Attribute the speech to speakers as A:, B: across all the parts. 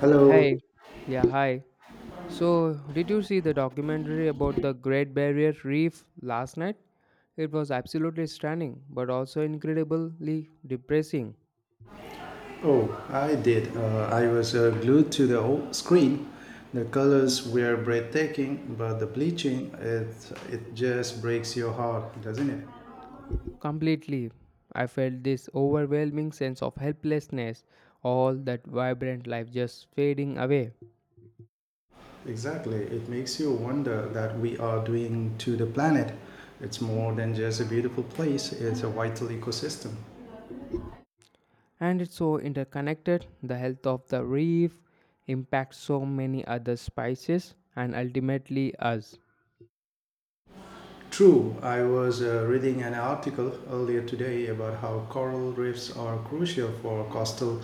A: Hello.
B: Hey, yeah, hi. So, did you see the documentary about the Great Barrier Reef last night? It was absolutely stunning, but also incredibly depressing.
A: Oh, I did. I was glued to the whole screen. The colors were breathtaking, but the bleaching, it just breaks your heart, doesn't it?
B: Completely. I felt this overwhelming sense of helplessness, all that vibrant life just fading away.
A: Exactly. It makes you wonder that we are doing to the planet. It's more than just a beautiful place, it's a vital ecosystem.
B: And it's so interconnected, the health of the reef impacts so many other species and ultimately us.
A: True, I was reading an article earlier today about how coral reefs are crucial for coastal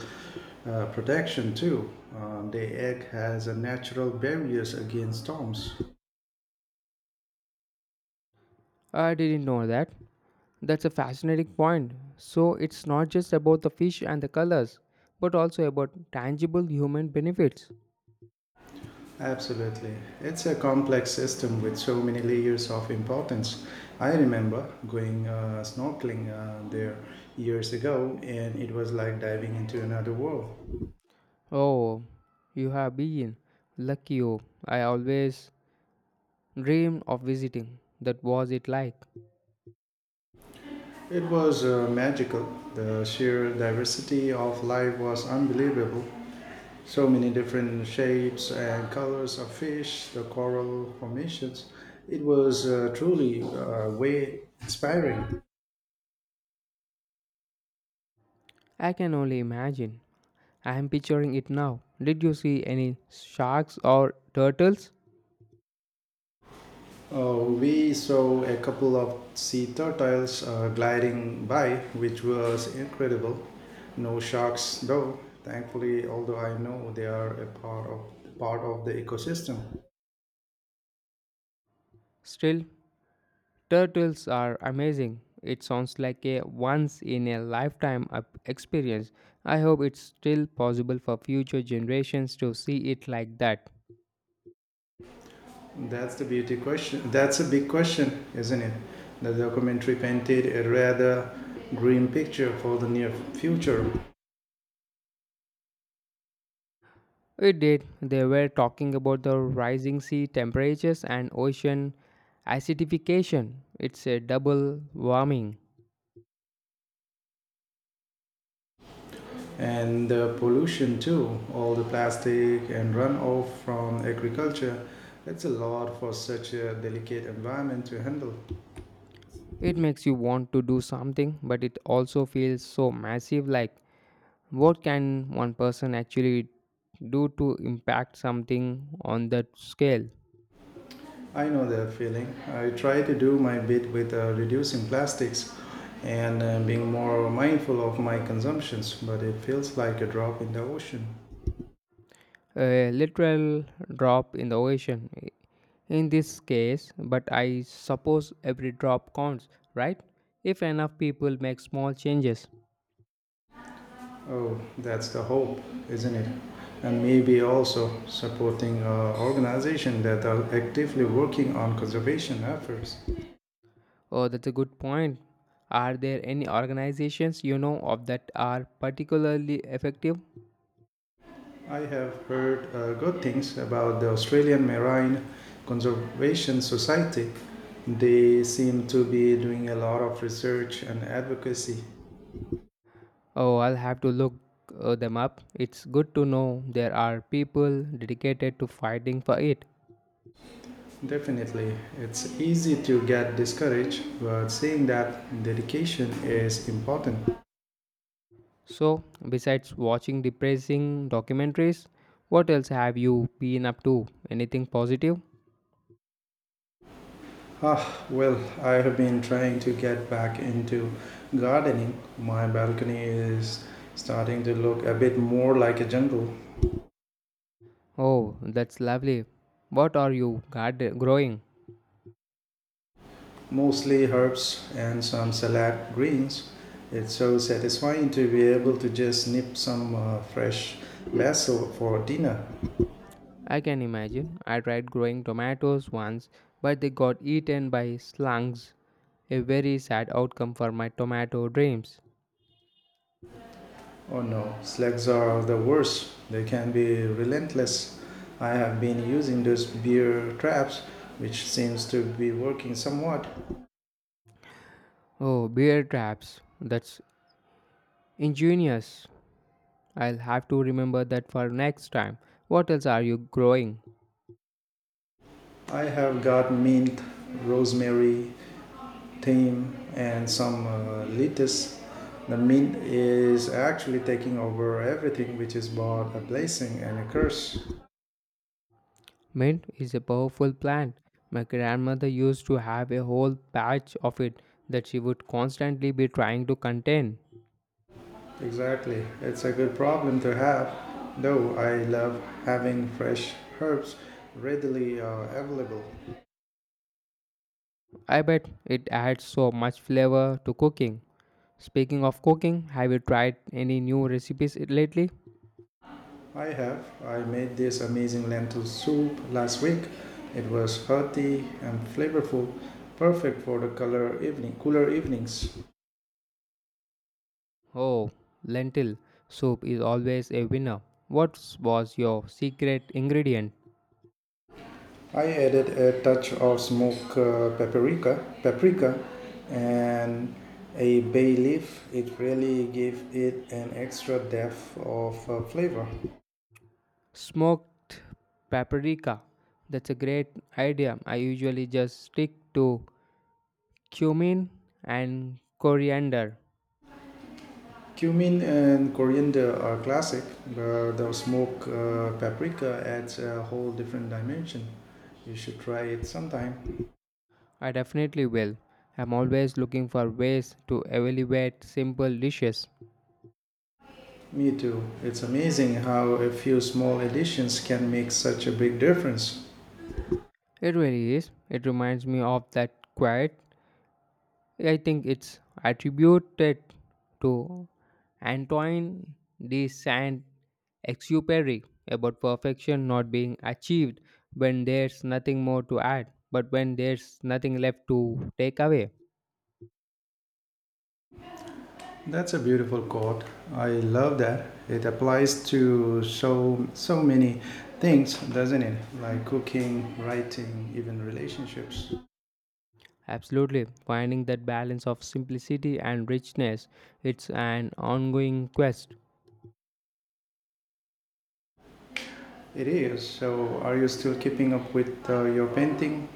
A: protection too. They act as a natural barriers against storms.
B: I didn't know that. That's a fascinating point. So it's not just about the fish and the colors, but also about tangible human benefits.
A: Absolutely. It's a complex system with so many layers of importance. I remember going snorkeling there years ago and it was like diving into another world.
B: Oh, you have been lucky. Oh, I always dreamed of visiting. That was it like.
A: It was magical. The sheer diversity of life was unbelievable. So many different shapes and colors of fish, the coral formations. It was truly way inspiring.
B: I can only imagine. I am picturing it now. Did you see any sharks or turtles?
A: We saw a couple of sea turtles gliding by, which was incredible. No sharks, though. Thankfully, although I know they are a part of the ecosystem.
B: Still, turtles are amazing. It sounds like a once in a lifetime experience. I hope it's still possible for future generations to see it like that.
A: That's the beauty question. That's a big question, isn't it? The documentary painted a rather grim picture for the near future.
B: It did. They were talking about the rising sea temperatures and ocean acidification. It's a double warming.
A: And the pollution too, all the plastic and runoff from agriculture, it's a lot for such a delicate environment to handle.
B: It makes you want to do something, but it also feels so massive, like what can one person actually do to impact something on that scale?
A: I know that feeling. I try to do my bit with reducing plastics and being more mindful of my consumptions, but it feels like a drop in the ocean.
B: A literal drop in the ocean in this case, but I suppose every drop counts, right? If enough people make small changes.
A: Oh, that's the hope, isn't it? And maybe also supporting organizations that are actively working on conservation efforts.
B: Oh, that's a good point. Are there any organizations you know of that are particularly effective?
A: I have heard good things about the Australian Marine Conservation Society. They seem to be doing a lot of research and advocacy.
B: Oh, I'll have to look them up. It's good to know there are people dedicated to fighting for it.
A: Definitely, it's easy to get discouraged, but seeing that dedication is important.
B: So, besides watching depressing documentaries, what else have you been up to? Anything positive?
A: Ah, well, I have been trying to get back into gardening. My balcony is starting to look a bit more like a jungle.
B: Oh, that's lovely. What are you garden growing?
A: Mostly herbs and some salad greens. It's so satisfying to be able to just nip some fresh basil for dinner.
B: I can imagine. I tried growing tomatoes once, but they got eaten by slugs. A very sad outcome for my tomato dreams.
A: Oh no, slugs are the worst. They can be relentless. I have been using those beer traps, which seems to be working somewhat.
B: Oh, bear traps. That's ingenious. I'll have to remember that for next time. What else are you growing?
A: I have got mint, rosemary, team and some leaders. The mint is actually taking over everything, which is both a blessing and a curse.
B: Mint is a powerful plant. My grandmother used to have a whole patch of it that she would constantly be trying to contain.
A: Exactly. It's a good problem to have, though I love having fresh herbs readily available.
B: I bet it adds so much flavor to cooking. Speaking of cooking, have you tried any new recipes lately?
A: I have. I made this amazing lentil soup last week. It was hearty and flavorful, perfect for the color evening, cooler evenings.
B: Oh, lentil soup is always a winner. What was your secret ingredient?
A: I added a touch of smoked paprika, and a bay leaf. It really gave it an extra depth of flavor.
B: Smoked paprika. That's a great idea. I usually just stick to cumin and coriander.
A: Cumin and coriander are classic, but the smoked paprika adds a whole different dimension. You should try it sometime.
B: I definitely will. I'm always looking for ways to elevate simple dishes.
A: Me too. It's amazing how a few small additions can make such a big difference.
B: It really is. It reminds me of that quiet. I think it's attributed to Antoine de Saint Exupery about perfection not being achieved when there's nothing more to add, but when there's nothing left to take away.
A: That's a beautiful quote. I love that. It applies to so many things, doesn't it? Like cooking, writing, even relationships.
B: Absolutely. Finding that balance of simplicity and richness, it's an ongoing quest.
A: It is. So, are you still keeping up with your painting?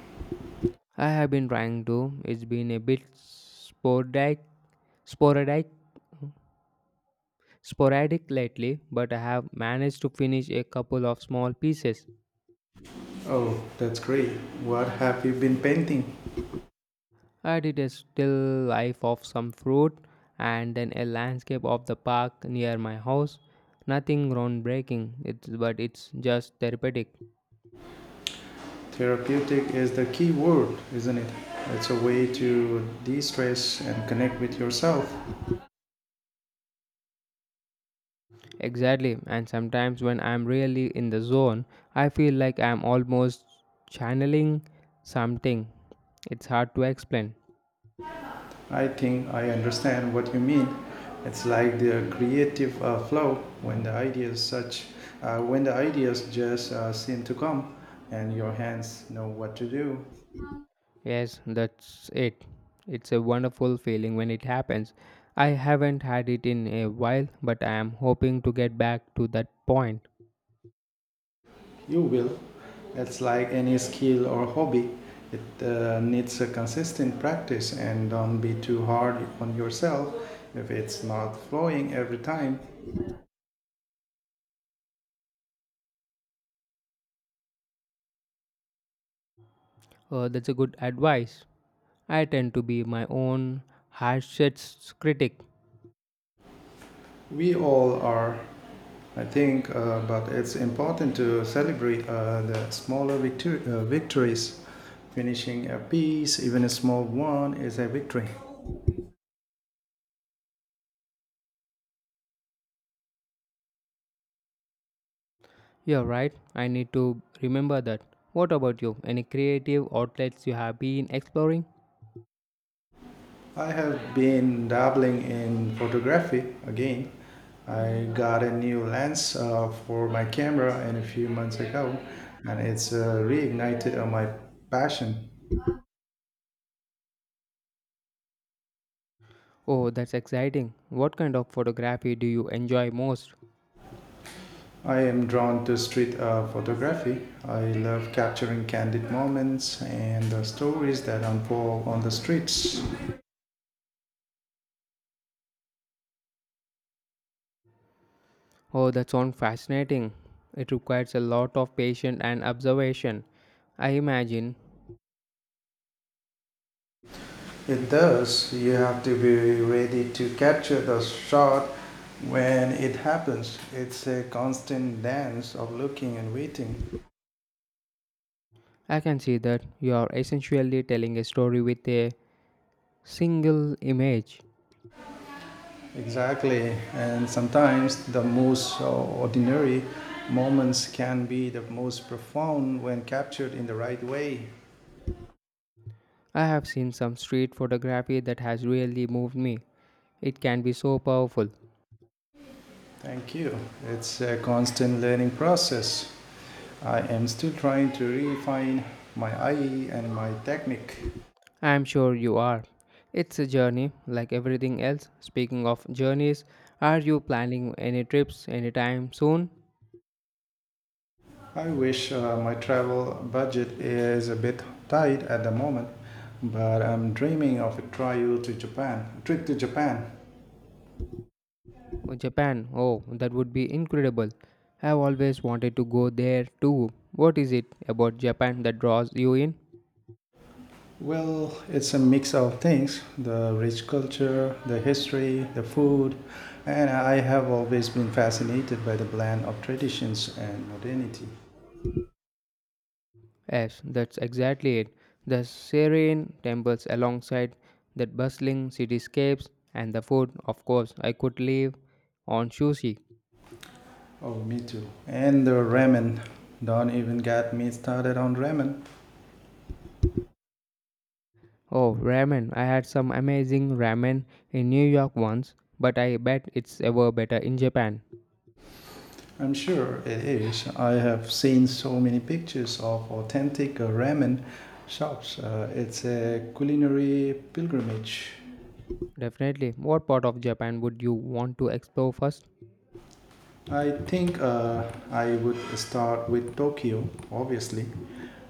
B: I have been trying to. It's been a bit sporadic Sporadic lately, but I have managed to finish a couple of small pieces.
A: Oh, that's great. What have you been painting?
B: I did a still life of some fruit and then a landscape of the park near my house. Nothing groundbreaking, but it's just therapeutic.
A: Therapeutic is the key word, isn't it? It's a way to de-stress and connect with yourself.
B: Exactly, and sometimes when I'm really in the zone, I feel like I'm almost channeling something. It's hard to explain.
A: I think I understand what you mean. It's like the creative flow when the ideas such when the ideas just seem to come and your hands know what to do.
B: Yes, that's it. It's a wonderful feeling when it happens. I haven't had it in a while, but I am hoping to get back to that point.
A: You will. It's like any skill or hobby. It needs a consistent practice, and don't be too hard on yourself if it's not flowing every time.
B: That's a good advice. I tend to be my own harshest critic.
A: We all are I think, but it's important to celebrate the smaller victories. Finishing a piece, even a small one, is a victory.
B: You're right, I need to remember that. What about you? Any creative outlets you have been exploring?
A: I have been dabbling in photography again. I got a new lens for my camera and a few months ago, and it's reignited my passion.
B: Oh, that's exciting. What kind of photography do you enjoy most?
A: I am drawn to street photography. I love capturing candid moments and the stories that unfold on the streets.
B: Oh, that sounds fascinating. It requires a lot of patience and observation, I imagine.
A: It does. You have to be ready to capture the shot when it happens. It's a constant dance of looking and waiting.
B: I can see that you are essentially telling a story with a single image.
A: Exactly. And sometimes the most ordinary moments can be the most profound when captured in the right way.
B: I have seen some street photography that has really moved me. It can be so powerful.
A: Thank you. It's a constant learning process. I am still trying to refine my eye and my technique.
B: I am sure you are. It's a journey, like everything else. Speaking of journeys, are you planning any trips anytime soon?
A: I wish. My travel budget is a bit tight at the moment, but I'm dreaming of a trip to Japan.
B: Oh, Japan. Oh, that would be incredible. I have always wanted to go there too. What is it about Japan that draws you in?
A: Well, it's a mix of things, the rich culture, the history, the food, and I have always been fascinated by the blend of traditions and modernity.
B: Yes, that's exactly it. The serene temples alongside that bustling cityscapes, and the food, of course, I could live on sushi.
A: Oh, me too. And the ramen. Don't even get me started on ramen.
B: Oh, ramen. I had some amazing ramen in New York once, but I bet it's ever better in Japan.
A: I'm sure it is. I have seen so many pictures of authentic ramen shops. It's a culinary pilgrimage.
B: Definitely. What part of Japan would you want to explore first?
A: I think I would start with Tokyo, obviously,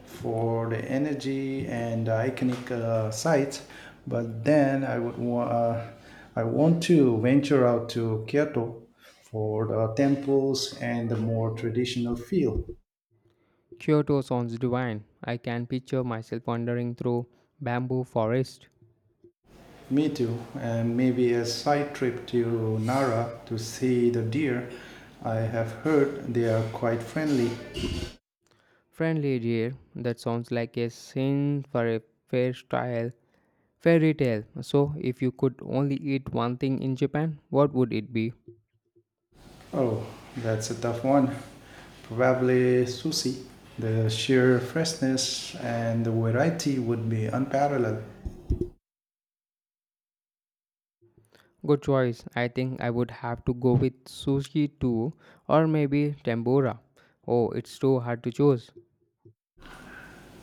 A: for the energy and the iconic sites. But then I want to venture out to Kyoto for the temples and the more traditional feel.
B: Kyoto sounds divine. I can picture myself wandering through bamboo forest.
A: Me too. And maybe a side trip to Nara to see the deer. I have heard they are quite friendly.
B: Friendly deer, that sounds like a scene for a fairy tale. So if you could only eat one thing in Japan, what would it be?
A: Oh, that's a tough one. Probably sushi. The sheer freshness and the variety would be unparalleled.
B: Good choice. I think I would have to go with sushi too or maybe tempura. Oh, it's too hard to choose.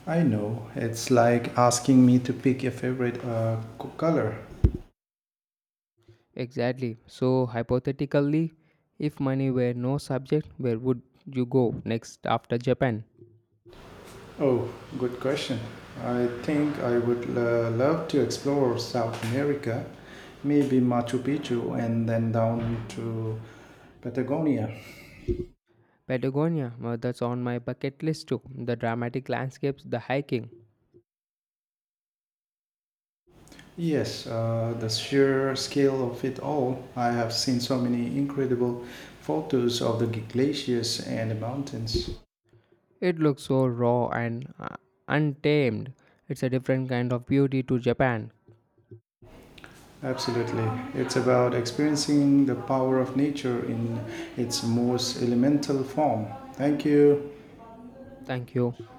A: I know, it's like asking me to pick a favorite color.
B: Exactly. So hypothetically, if money were no subject, where would you go next after Japan?
A: Oh, good question. I think I would love to explore South America, maybe Machu Picchu, and then down to Patagonia.
B: Patagonia, that's on my bucket list too. The dramatic landscapes, the hiking.
A: Yes, the sheer scale of it all. I have seen so many incredible photos of the glaciers and the mountains.
B: It looks so raw and untamed. It's a different kind of beauty to Japan.
A: Absolutely. It's about experiencing the power of nature in its most elemental form. Thank you.
B: Thank you.